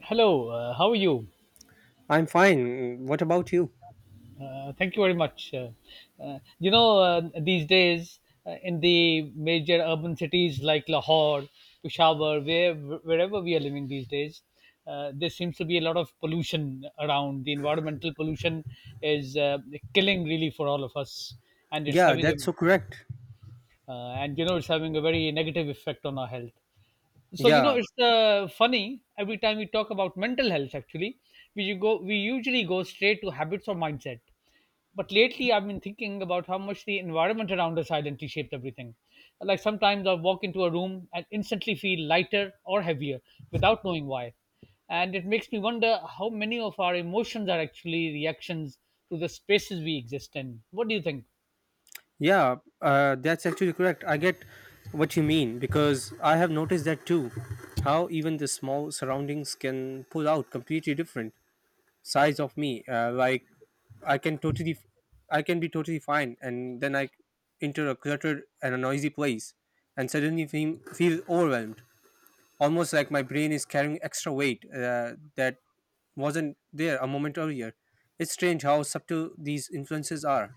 Hello, how are you? I'm fine. What about you? Thank you very much. These days in the major urban cities like Lahore, Peshawar, wherever we are living these days, there seems to be a lot of pollution around. The environmental pollution is killing really for all of us, and it's Yeah, that's having so correct. a and you know it's having a very negative effect on our health. Yeah, It's funny every time we talk about mental health. Actually, we usually go straight to habits or mindset, but lately I've been thinking about how much the environment around us silently shapes everything. Like sometimes I walk into a room and instantly feel lighter or heavier without knowing why, and it makes me wonder how many of our emotions are actually reactions to the spaces we exist in. What do you think? yeah, that's actually correct. I get what you mean because I have noticed that too. How even the small surroundings can pull out completely different sides of me. Like I can totally, I can be totally fine, and then I enter a cluttered and a noisy place, and suddenly feel overwhelmed. Almost like my brain is carrying extra weight that wasn't there a moment earlier. It's strange how subtle these influences are.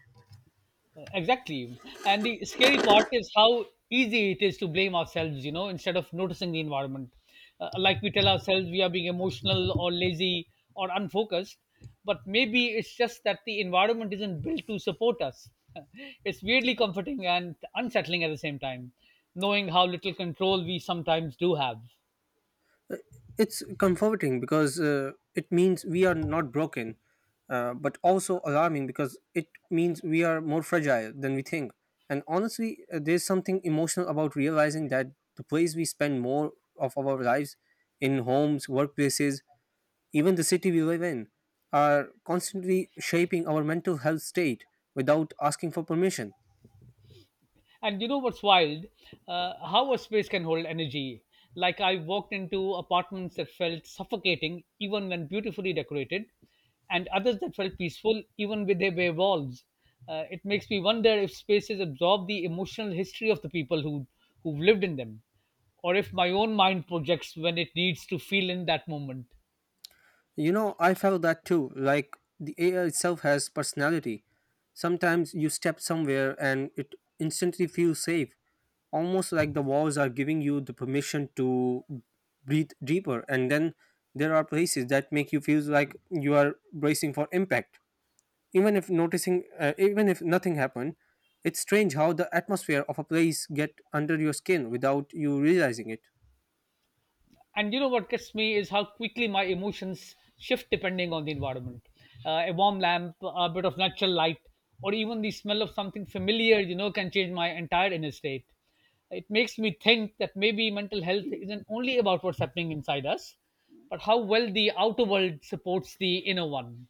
Exactly. And the scary part is how easy it is to blame ourselves, instead of noticing the environment. Like we tell ourselves we are being emotional or lazy or unfocused, but maybe it's just that the environment isn't built to support us. It's weirdly comforting and unsettling at the same time, knowing how little control we sometimes do have. It's comforting because it means we are not broken, but also alarming because it means we are more fragile than we think. And honestly, there's something emotional about realizing that the place we spend more of our lives in homes, workplaces, even the city we live in are constantly shaping our mental health state without asking for permission. And you know what's wild? How a space can hold energy. Like I walked into apartments that felt suffocating, even when beautifully decorated, and others that felt peaceful, even with their bare walls. It makes me wonder if spaces absorb the emotional history of the people who've lived in them, or if my own mind projects when it needs to feel in that moment. You know, I felt that too, like the air itself has personality. Sometimes you step somewhere and it instantly feels safe, almost like the walls are giving you the permission to breathe deeper. And then there are places that make you feel like you are bracing for impact. Even if nothing happened, it's strange how the atmosphere of a place get under your skin without you realizing it. And you know what gets me is how quickly my emotions shift depending on the environment. A warm lamp, a bit of natural light, or even the smell of something familiar, can change my entire inner state. It makes me think that maybe mental health isn't only about what's happening inside us, but how well the outer world supports the inner one.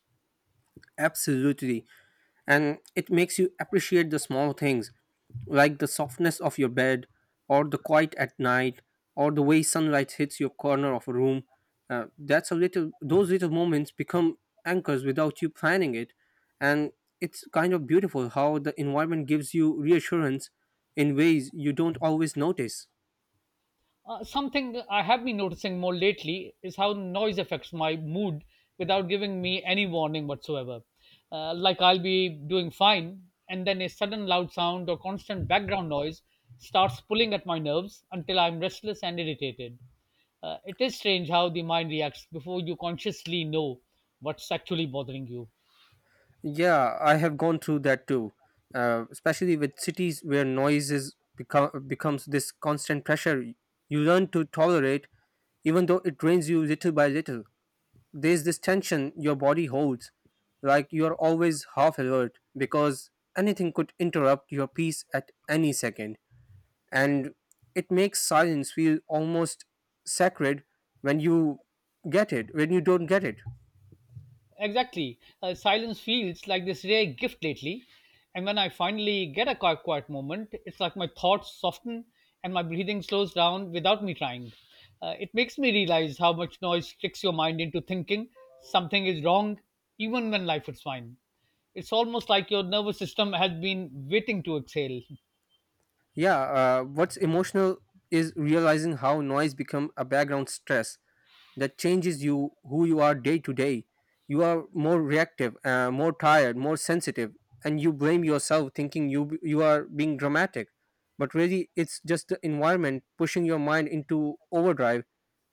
Absolutely, and it makes you appreciate the small things, like the softness of your bed, or the quiet at night, or the way sunlight hits your corner of a room. That's a little Those little moments become anchors without you planning it, and it's kind of beautiful how the environment gives you reassurance in ways you don't always notice. Something I have been noticing more lately is how noise affects my mood without giving me any warning whatsoever. Like I'll be doing fine, and then a sudden loud sound or constant background noise starts pulling at my nerves until I'm restless and irritated. It is strange how the mind reacts before you consciously know what's actually bothering you. Yeah, I have gone through that too, especially with cities where becomes this constant pressure. You learn to tolerate, even though it drains you little by little. There's this tension your body holds, like you're always half alert because anything could interrupt your peace at any second. And it makes silence feel almost sacred when you get it, when you don't get it. Exactly. Silence feels like this rare gift lately. And when I finally get a quiet moment, it's like my thoughts soften and my breathing slows down without me trying. It makes me realize how much noise tricks your mind into thinking something is wrong, even when life is fine. It's almost like your nervous system has been waiting to exhale. Yeah, what's emotional is realizing how noise become a background stress that changes you who you are day to day. You are more reactive, more tired, more sensitive, and you blame yourself thinking you are being dramatic. But really, it's just the environment pushing your mind into overdrive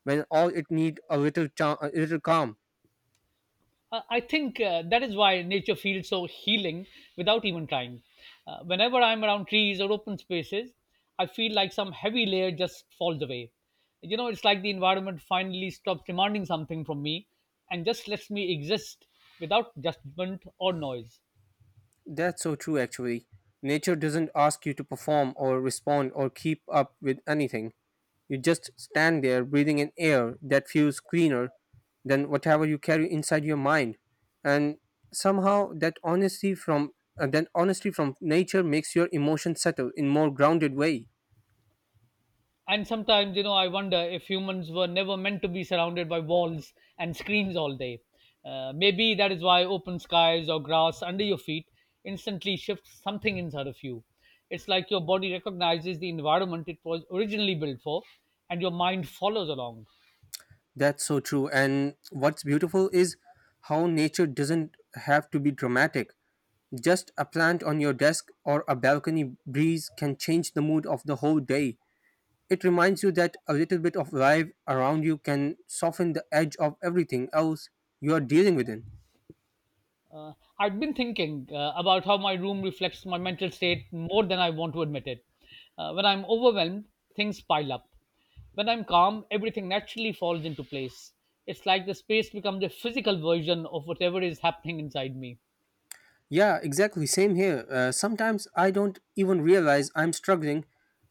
when all it need a little calm. I think that is why nature feels so healing without even trying. Whenever I'm around trees or open spaces, I feel like some heavy layer just falls away. You know, it's like the environment finally stops demanding something from me and just lets me exist without judgment or noise. That's so true, actually. Nature doesn't ask you to perform or respond or keep up with anything. You just stand there breathing in air that feels cleaner than whatever you carry inside your mind. And somehow that honesty from nature makes your emotions settle in more grounded way. And sometimes, you know, I wonder if humans were never meant to be surrounded by walls and screens all day. Maybe that is why open skies or grass under your feet instantly shifts something inside of you. It's like your body recognizes the environment it was originally built for, and your mind follows along. That's so true. And what's beautiful is how nature doesn't have to be dramatic. Just a plant on your desk or a balcony breeze can change the mood of the whole day. It reminds you that a little bit of life around you can soften the edge of everything else you are dealing with. In. Uh, I'd been thinking about how my room reflects my mental state more than I want to admit it. When I'm overwhelmed, things pile up. When I'm calm, everything naturally falls into place. It's like the space becomes a physical version of whatever is happening inside me. Yeah, exactly. Same here. Sometimes I don't even realize I'm struggling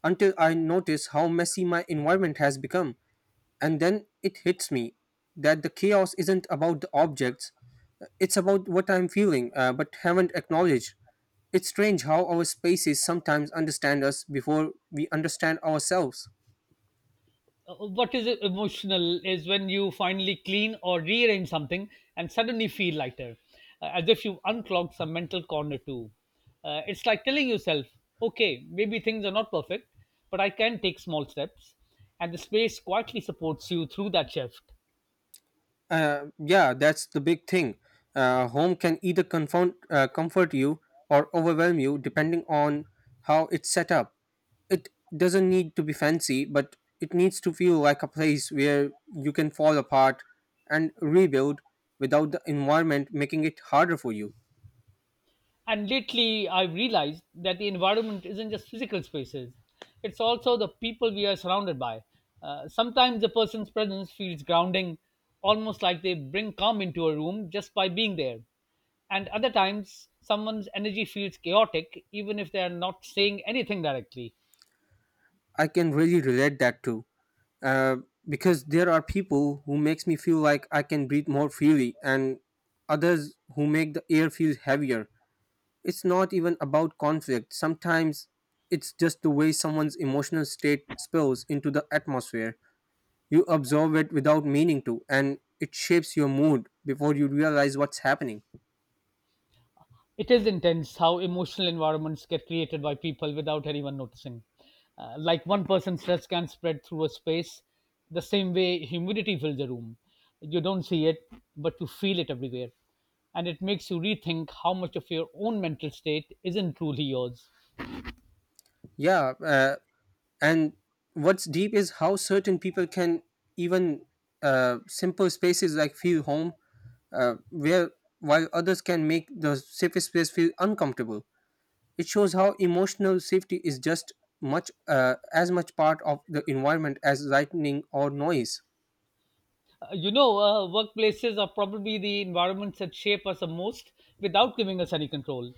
until I notice how messy my environment has become. And then it hits me that the chaos isn't about the objects, it's about what I'm feeling, but haven't acknowledged. It's strange how our spaces sometimes understand us before we understand ourselves. What is emotional is when you finally clean or rearrange something and suddenly feel lighter, as if you unclogged some mental corner too. It's like telling yourself, okay, maybe things are not perfect, but I can take small steps, and the space quietly supports you through that shift. Yeah, that's the big thing. Home can either comfort you or overwhelm you depending on how it's set up. It doesn't need to be fancy, but it needs to feel like a place where you can fall apart and rebuild without the environment making it harder for you. And lately, I've realized that the environment isn't just physical spaces, it's also the people we are surrounded by. Sometimes a person's presence feels grounding, almost like they bring calm into a room just by being there. And other times, someone's energy feels chaotic, even if they are not saying anything directly. I can really relate that too. uh, because there are people who makes me feel like I can breathe more freely and others who make the air feel heavier. It's not even about conflict. Sometimes it's just the way someone's emotional state spills into the atmosphere. You absorb it without meaning to and it shapes your mood before you realize what's happening. It is intense how emotional environments get created by people without anyone noticing. Like one person's stress can spread through a space, the same way humidity fills a room. You don't see it, but you feel it everywhere. And it makes you rethink how much of your own mental state isn't truly yours. Yeah, and what's deep is how certain people can even simple spaces like feel home where while others can make the safest place feel uncomfortable. It shows how emotional safety is just much as much part of the environment as lightning or noise. Workplaces are probably the environments that shape us the most without giving us any control.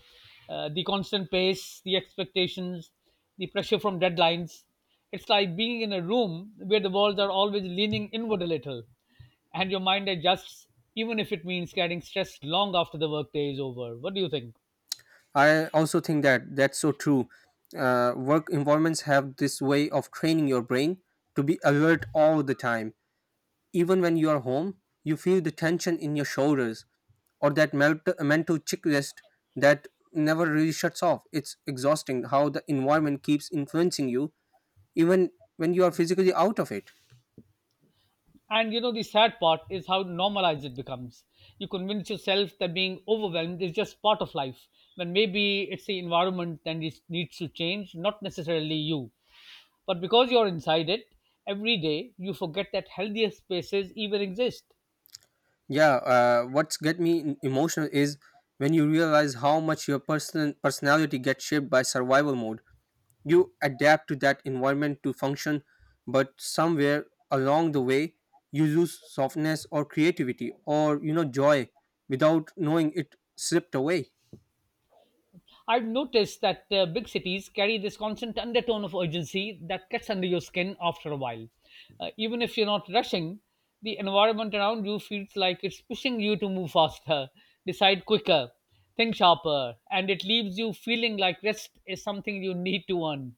The constant pace, the expectations, the pressure from deadlines. It's like being in a room where the walls are always leaning inward a little, and your mind adjusts, even if it means carrying stress long after the workday is over. What do you think? I also think that that's so true. Work environments have this way of training your brain to be alert all the time. Even when you are home, you feel the tension in your shoulders or that mental checklist that never really shuts off. It's exhausting how the environment keeps influencing you, even when you are physically out of it. And you know, the sad part is how normalized it becomes. You convince yourself that being overwhelmed is just part of life, when maybe it's the environment that needs to change, not necessarily you. But because you're inside it every day, you forget that healthier spaces even exist. Yeah, what's get me emotional is when you realize how much your personality gets shaped by survival mode. You adapt to that environment to function, but somewhere along the way, you lose softness or creativity or you know joy without knowing it slipped away. I've noticed that big cities carry this constant undertone of urgency that gets under your skin after a while. Even if you're not rushing, the environment around you feels like it's pushing you to move faster, decide quicker, think sharper, and it leaves you feeling like rest is something you need to earn.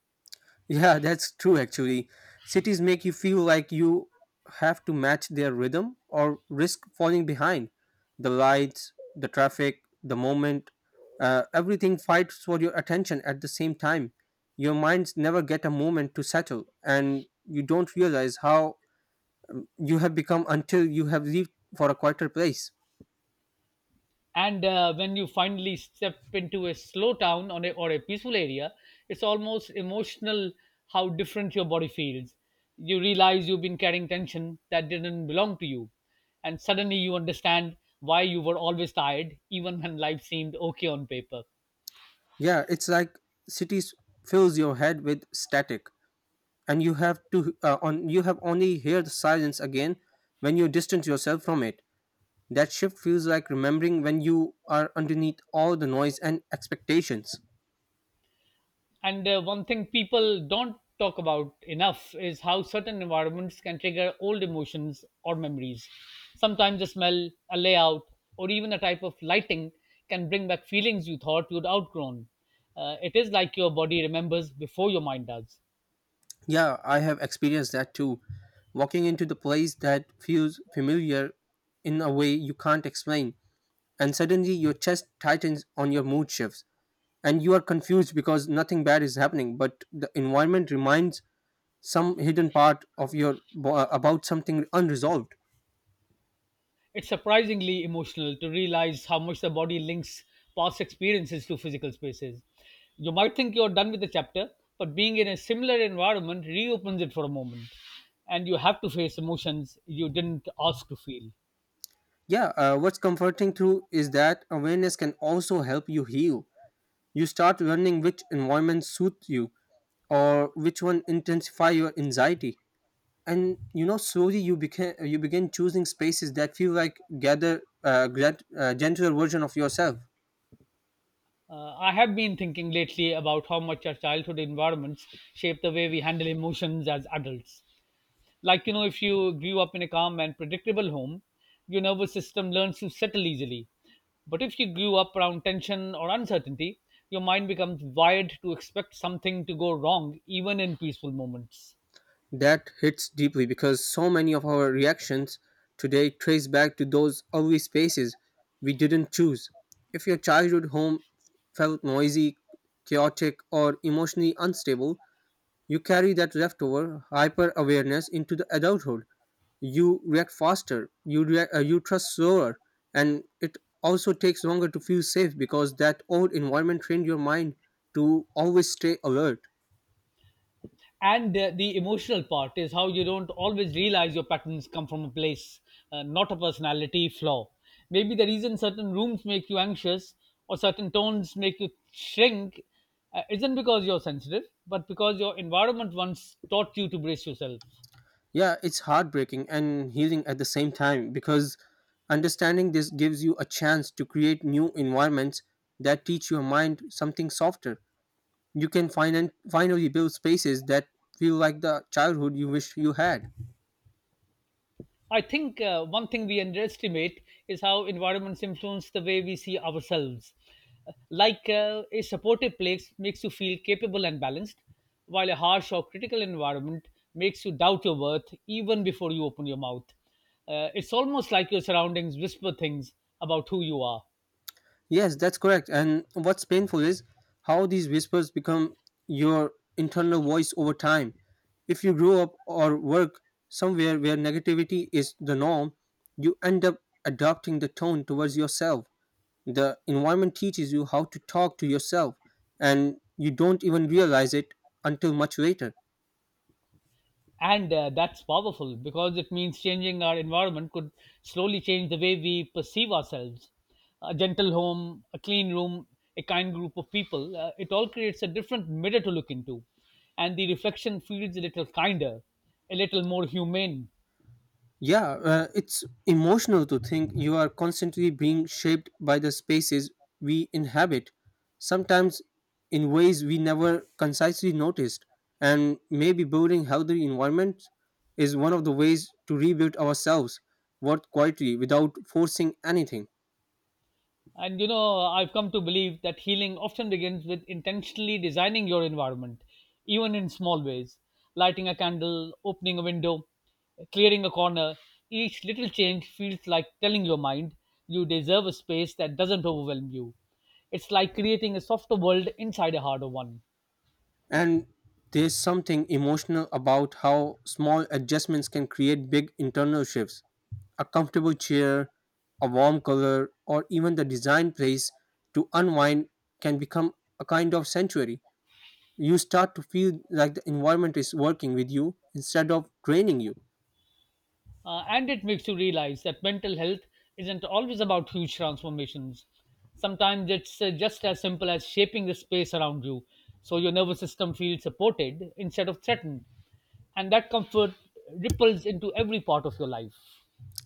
Yeah, that's true actually. Cities make you feel like you have to match their rhythm or risk falling behind. The lights, the traffic, the moment, everything fights for your attention at the same time. Your minds never get a moment to settle, and you don't realize how you have become until you have left for a quieter place. And when you finally step into a slow town on a, or a peaceful area, it's almost emotional how different your body feels. You realize you've been carrying tension that didn't belong to you, and suddenly you understand why you were always tired even when life seemed okay on paper. Yeah, it's like cities fills your head with static, and you have only hear the silence again when you distance yourself from it. That shift feels like remembering when you are underneath all the noise and expectations. And one thing people don't talk about enough is how certain environments can trigger old emotions or memories. Sometimes a smell, a layout, or even a type of lighting can bring back feelings you thought you'd outgrown. It is like your body remembers before your mind does. Yeah, I have experienced that too. Walking into the place that feels familiar in a way you can't explain, and suddenly your chest tightens on your mood shifts. And you are confused because nothing bad is happening but the environment reminds some hidden part of your about something unresolved. It's surprisingly emotional to realize how much the body links past experiences to physical spaces. You might think you're done with the chapter, but being in a similar environment reopens it for a moment, and you have to face emotions you didn't ask to feel. Yeah, what's comforting through is that awareness can also help you heal. You start learning which environments suit you or which one intensify your anxiety, and you know slowly you begin choosing spaces that feel like gentler version of yourself. I have been thinking lately about how much our childhood environments shape the way we handle emotions as adults. Like, you know, if you grew up in a calm and predictable home, your nervous system learns to settle easily, but if you grew up around tension or uncertainty, your mind becomes wired to expect something to go wrong even in peaceful moments. That hits deeply because so many of our reactions today trace back to those ugly spaces we didn't choose. If your childhood home felt noisy, chaotic, or emotionally unstable, you carry that leftover hyper awareness into the adulthood. You react faster, you trust slower, and it also takes longer to feel safe because that old environment trained your mind to always stay alert. And the emotional part is how you don't always realize your patterns come from a place, not a personality flaw. Maybe the reason certain rooms make you anxious or certain tones make you shrink isn't because you're sensitive but because your environment once taught you to brace yourself. Yeah, it's heartbreaking and healing at the same time because understanding this gives you a chance to create new environments that teach your mind something softer. You can finally build spaces that feel like the childhood you wish you had. I think one thing we underestimate is how environments influence the way we see ourselves. Like, a supportive place makes you feel capable and balanced, while a harsh or critical environment makes you doubt your worth even before you open your mouth. It's almost like your surroundings whisper things about who you are. Yes, that's correct. And what's painful is how these whispers become your internal voice over time. If you grow up or work somewhere where negativity is the norm, you end up adopting the tone towards yourself. The environment teaches you how to talk to yourself, and you don't even realize it until much later. And that's powerful because it means changing our environment could slowly change the way we perceive ourselves. A gentle home, a clean room, a kind group of people, it all creates a different mirror to look into, and the reflection feels a little kinder, a little more humane. Yeah, it's emotional to think you are constantly being shaped by the spaces we inhabit, sometimes in ways we never concisely noticed. And maybe building healthy environments is one of the ways to rebuild ourselves, work quietly without forcing anything. And you know, I've come to believe that healing often begins with intentionally designing your environment, even in small ways. Lighting a candle, opening a window, clearing a corner, each little change feels like telling your mind you deserve a space that doesn't overwhelm you. It's like creating a softer world inside a harder one. And there's something emotional about how small adjustments can create big internal shifts. A comfortable chair, a warm color, or even the design place to unwind can become a kind of sanctuary. You start to feel like the environment is working with you instead of draining you. And it makes you realize that mental health isn't always about huge transformations. Sometimes it's just as simple as shaping the space around you so your nervous system feels supported instead of threatened. And that comfort ripples into every part of your life.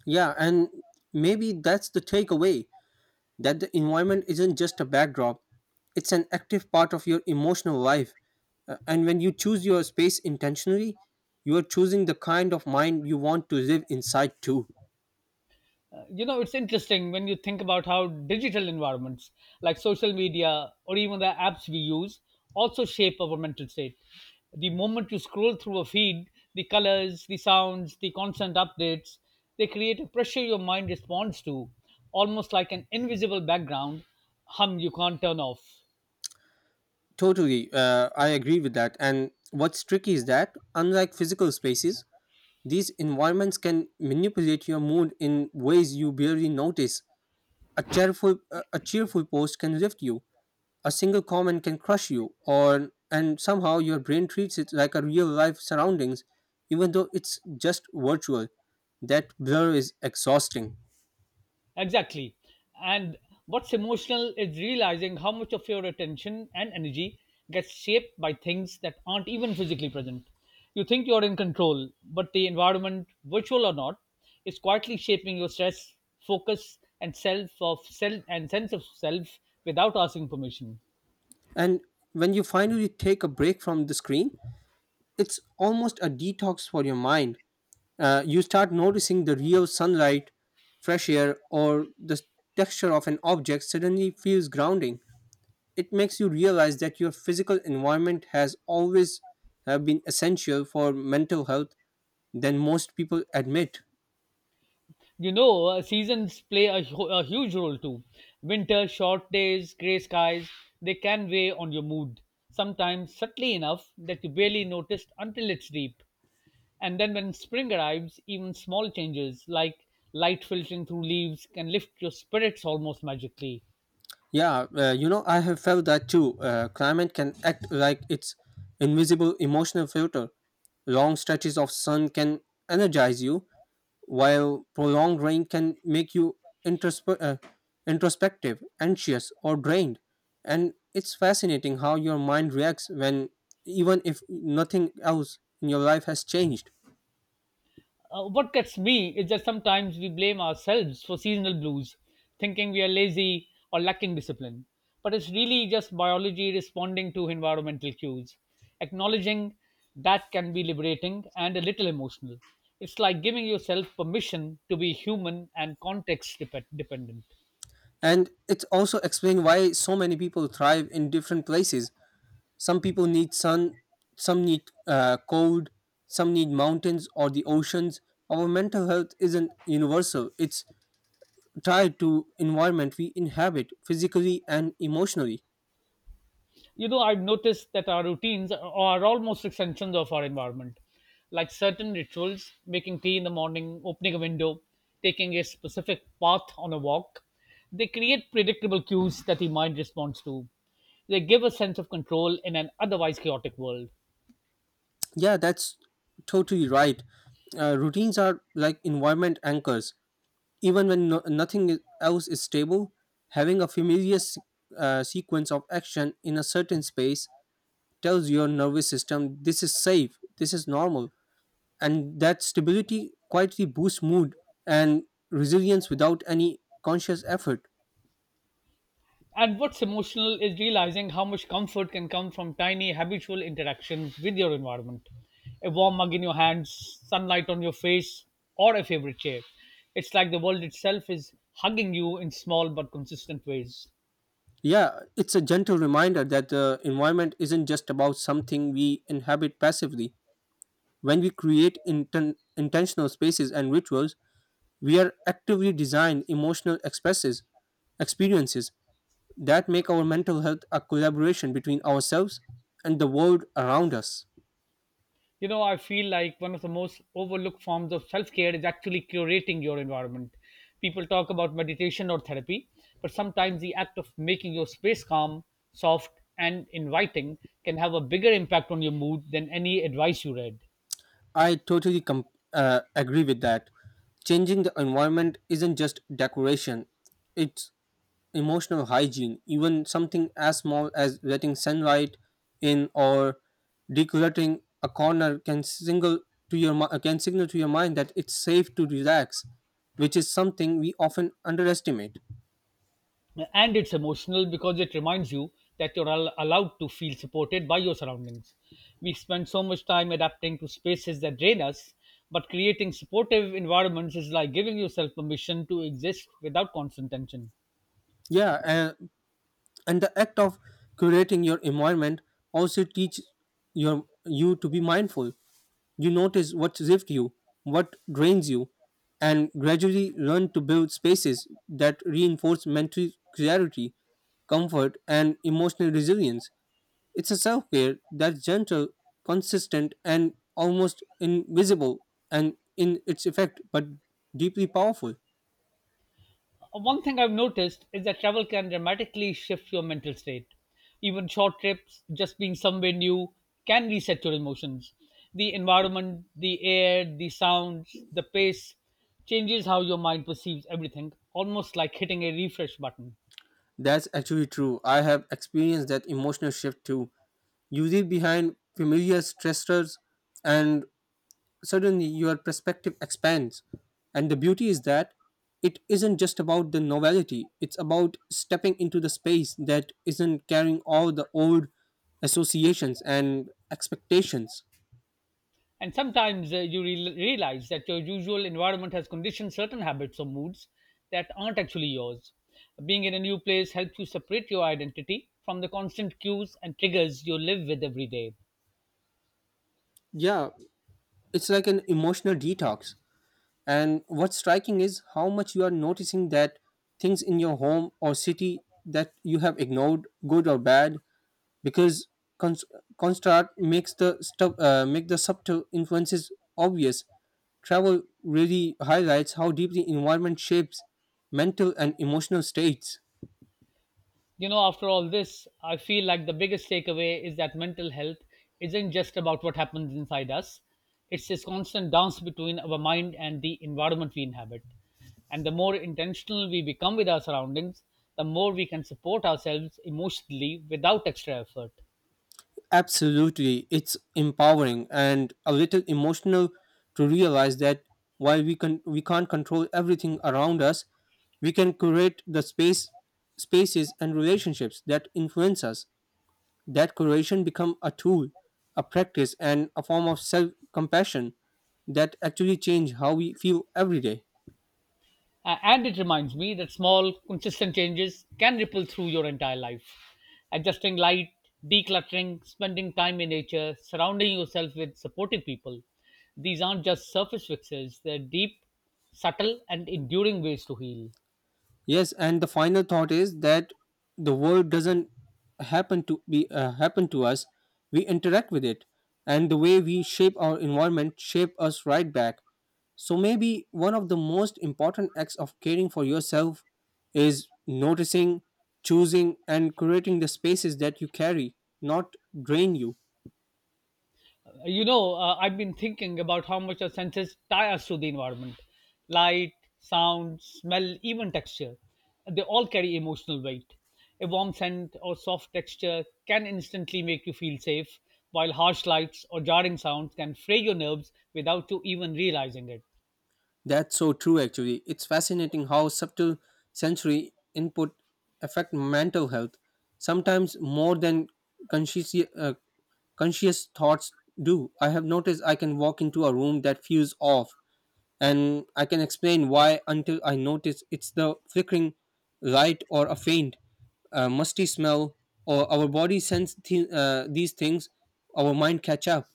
Yeah, and maybe that's the takeaway. That the environment isn't just a backdrop, it's an active part of your emotional life. And when you choose your space intentionally, you are choosing the kind of mind you want to live inside too. You know it's interesting when you think about how digital environments like social media or even the apps we use also shape our mental state. The moment you scroll through a feed, the colors, the sounds, the constant updates, they create a pressure your mind responds to, almost like an invisible background hum you can't turn off. Totally, I agree with that. And what's tricky is that, unlike physical spaces, these environments can manipulate your mood in ways you barely notice. A cheerful post can lift you, a single comment can crush you, or and somehow your brain treats it like a real life surroundings, even though it's just virtual. That blur is exhausting. Exactly. And what's emotional is realizing how much of your attention and energy gets shaped by things that aren't even physically present. You think you're in control, but the environment, virtual or not, is quietly shaping your stress, focus, and self of self and sense of self without asking permission. And when you finally take a break from the screen, it's almost a detox for your mind. You start noticing the real sunlight, fresh air, or the texture of an object suddenly feels grounding. It makes you realize that your physical environment has always have been essential for mental health than most people admit. Seasons play a, a huge role too. Winter, short days, grey skies, they can weigh on your mood, sometimes subtly enough that you barely noticed until it's deep. And then when spring arrives, even small changes like light filtering through leaves can lift your spirits almost magically. Yeah, you know, I have felt that too. Climate can act like its invisible emotional filter. Long stretches of sun can energize you, while prolonged rain can make you introspe- uh, introspective, anxious, or drained. And it's fascinating how your mind reacts when, even if nothing else in your life has changed. What gets me is that sometimes we blame ourselves for seasonal blues, thinking we are lazy or lacking discipline. But it's really just biology responding to environmental cues. Acknowledging that can be liberating and a little emotional. It's like giving yourself permission to be human and context dependent. And it's also explained why so many people thrive in different places. Some people need sun, some need cold, some need mountains or the oceans. Our mental health isn't universal. It's tied to environment we inhabit physically and emotionally. You know, I've noticed that our routines are almost extensions of our environment, like certain rituals, making tea in the morning, opening a window, taking a specific path on a walk. They create predictable cues that the mind responds to. They give a sense of control in an otherwise chaotic world. Yeah, that's totally right. Routines are like environment anchors. Even when nothing else is stable, having a familiar sequence of action in a certain space tells your nervous system this is safe, this is normal, and that stability quietly boosts mood and resilience without any conscious effort. And what's emotional is realizing how much comfort can come from tiny habitual interactions with your environment. A warm mug in your hands, sunlight on your face, or a favorite chair. It's like the world itself is hugging you in small but consistent ways. Yeah, it's a gentle reminder that the environment isn't just about something we inhabit passively. When we create intentional spaces and rituals, we are actively designing emotional experiences that make our mental health a collaboration between ourselves and the world around us. You know, I feel like one of the most overlooked forms of self care is actually curating your environment. People talk about meditation or therapy, but sometimes the act of making your space calm, soft, and inviting can have a bigger impact on your mood than any advice you read. I totally agree with that. Changing the environment isn't just decoration, it's emotional hygiene. Even something as small as letting sunlight in or decorating a corner can single to your can signal to your mind that it's safe to relax, which is something we often underestimate. And it's emotional because it reminds you that you're allowed to feel supported by your surroundings. We spend so much time adapting to spaces that drain us, but creating supportive environments is like giving yourself permission to exist without constant tension. Yeah, and the act of curating your environment also teaches your you to be mindful. You notice what lifts you, what drains you, and gradually learn to build spaces that reinforce mental clarity, comfort, and emotional resilience. It's a self-care that's gentle, consistent, and almost invisible and in its effect but deeply powerful. One thing I've noticed is that travel can dramatically shift your mental state. Even short trips, just being somewhere new, can reset your emotions. The environment, the air, the sounds, the pace changes how your mind perceives everything, almost like hitting a refresh button. That's actually true. I have experienced that emotional shift too. You leave behind familiar stressors, and suddenly your perspective expands. And the beauty is that it isn't just about the novelty, it's about stepping into the space that isn't carrying all the old associations and expectations. And sometimes you realize that your usual environment has conditioned certain habits or moods that aren't actually yours. Being in a new place helps you separate your identity from the constant cues and triggers you live with every day. Yeah, it's like an emotional detox. And what's striking is how much you are noticing that things in your home or city that you have ignored, good or bad, because cons- construct makes the stuff make the subtle influences obvious. Travel really highlights how deeply environment shapes mental and emotional states. You know, after all this, I feel like the biggest takeaway is that mental health isn't just about what happens inside us, it's this constant dance between our mind and the environment we inhabit. And the more intentional we become with our surroundings, the more we can support ourselves emotionally without extra effort. Absolutely, it's empowering and a little emotional to realize that while we can't control everything around us, we can create the spaces and relationships that influence us. That creation become a tool, a practice, and a form of self-compassion that actually change how we feel every day. And it reminds me that small, consistent changes can ripple through your entire life. Adjusting light, decluttering, spending time in nature, surrounding yourself with supportive people. These aren't just surface fixes, they're deep, subtle, and enduring ways to heal. Yes, and the final thought is that the world doesn't happen to us. We interact with it, and the way we shape our environment shape us right back. So maybe one of the most important acts of caring for yourself is noticing, choosing, and creating the spaces that you carry, not drain you. You know, I've been thinking about how much our senses tie us to the environment. Light, sound, smell, even texture. They all carry emotional weight. A warm scent or soft texture can instantly make you feel safe, while harsh lights or jarring sounds can fray your nerves without you even realizing it. That's so true, actually. It's fascinating how subtle sensory input affect mental health, sometimes more than conscious, uh, conscious thoughts do. I have noticed I can walk into a room that feels off, and I can explain why until I notice it's the flickering light or a faint, musty smell, or our body sense these things, our mind catch up.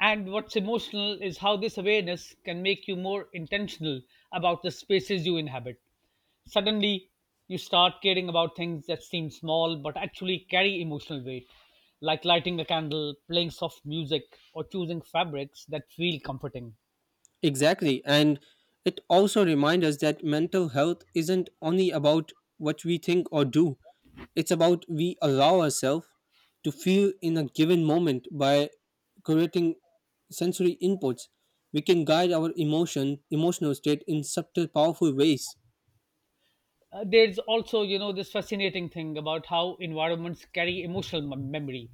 And what's emotional is how this awareness can make you more intentional about the spaces you inhabit. Suddenly, you start caring about things that seem small but actually carry emotional weight, like lighting a candle, playing soft music, or choosing fabrics that feel comforting. Exactly. And it also reminds us that mental health isn't only about what we think or do, it's about we allow ourselves to feel in a given moment by creating sensory inputs. We can guide our emotional state in subtle, powerful ways. There's also, you know, this fascinating thing about how environments carry emotional memory.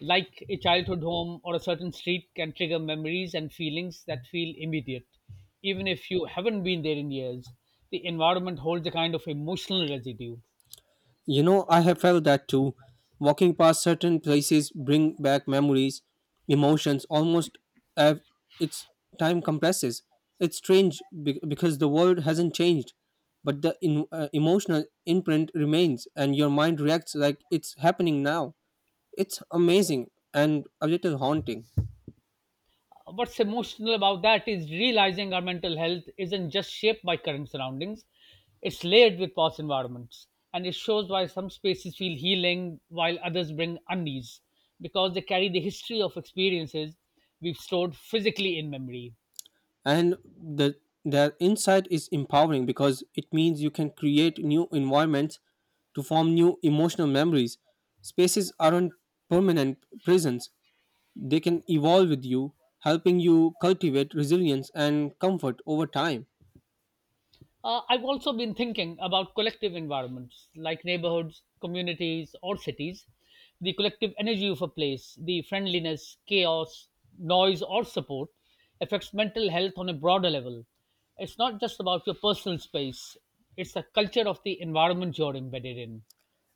Like a childhood home or a certain street can trigger memories and feelings that feel immediate. Even if you haven't been there in years, the environment holds a kind of emotional residue. You know, I have felt that too. Walking past certain places bring back memories, emotions, almost as its time compresses. It's strange because the world hasn't changed, but the emotional imprint remains, and your mind reacts like it's happening now. It's amazing and a little haunting. What's emotional about that is realizing our mental health isn't just shaped by current surroundings, it's layered with past environments. And it shows why some spaces feel healing while others bring unease because they carry the history of experiences we've stored physically in memory. And the their insight is empowering because it means you can create new environments to form new emotional memories. Spaces aren't permanent prisons, they can evolve with you, helping you cultivate resilience and comfort over time. I've also been thinking about collective environments like neighborhoods, communities, or cities. The collective energy of a place, the friendliness, chaos, noise, or support affects mental health on a broader level. It's not just about your personal space, it's the culture of the environment you're embedded in.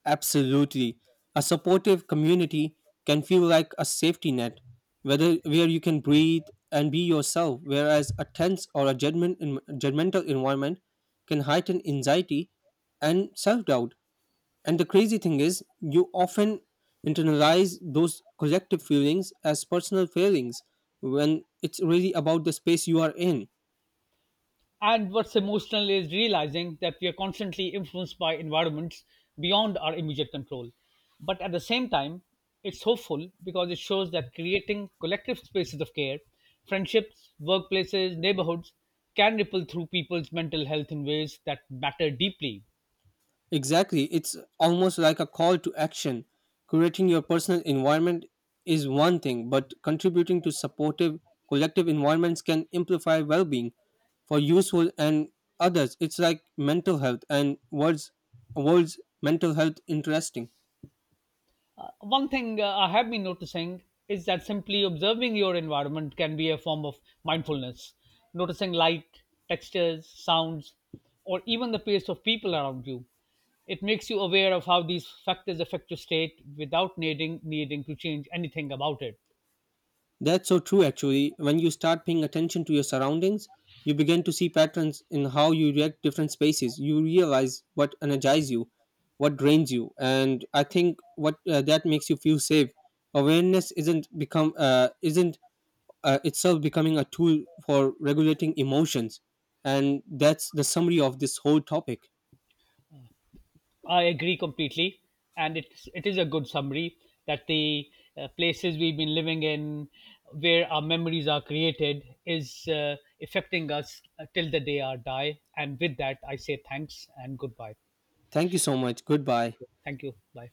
Absolutely. A supportive community can feel like a safety net, whether where you can breathe and be yourself, whereas a tense or a judgmental environment can heighten anxiety and self-doubt. And the crazy thing is, you often internalize those collective feelings as personal failings when it's really about the space you are in. And what's emotional is realizing that we are constantly influenced by environments beyond our immediate control. But at the same time, it's hopeful because it shows that creating collective spaces of care, friendships, workplaces, neighborhoods, can ripple through people's mental health in ways that matter deeply. Exactly. It's almost like a call to action. Creating your personal environment is one thing, but contributing to supportive collective environments can amplify well being for useful and others. It's like mental health and words world's mental health interesting. One thing I have been noticing is that simply observing your environment can be a form of mindfulness. Noticing light, textures, sounds, or even the pace of people around you. It makes you aware of how these factors affect your state without needing to change anything about it. That's so true, actually. When you start paying attention to your surroundings, you begin to see patterns in how you react to different spaces. You realize what energizes you, what drains you, and I think what that makes you feel safe. Awareness isn't itself becoming a tool for regulating emotions, and that's the summary of this whole topic. I agree completely, and it is a good summary that the places we've been living in, where our memories are created, is affecting us till the day our die. And with that, I say thanks and goodbye. Thank you so much. Thank Goodbye. you. Thank you. Bye.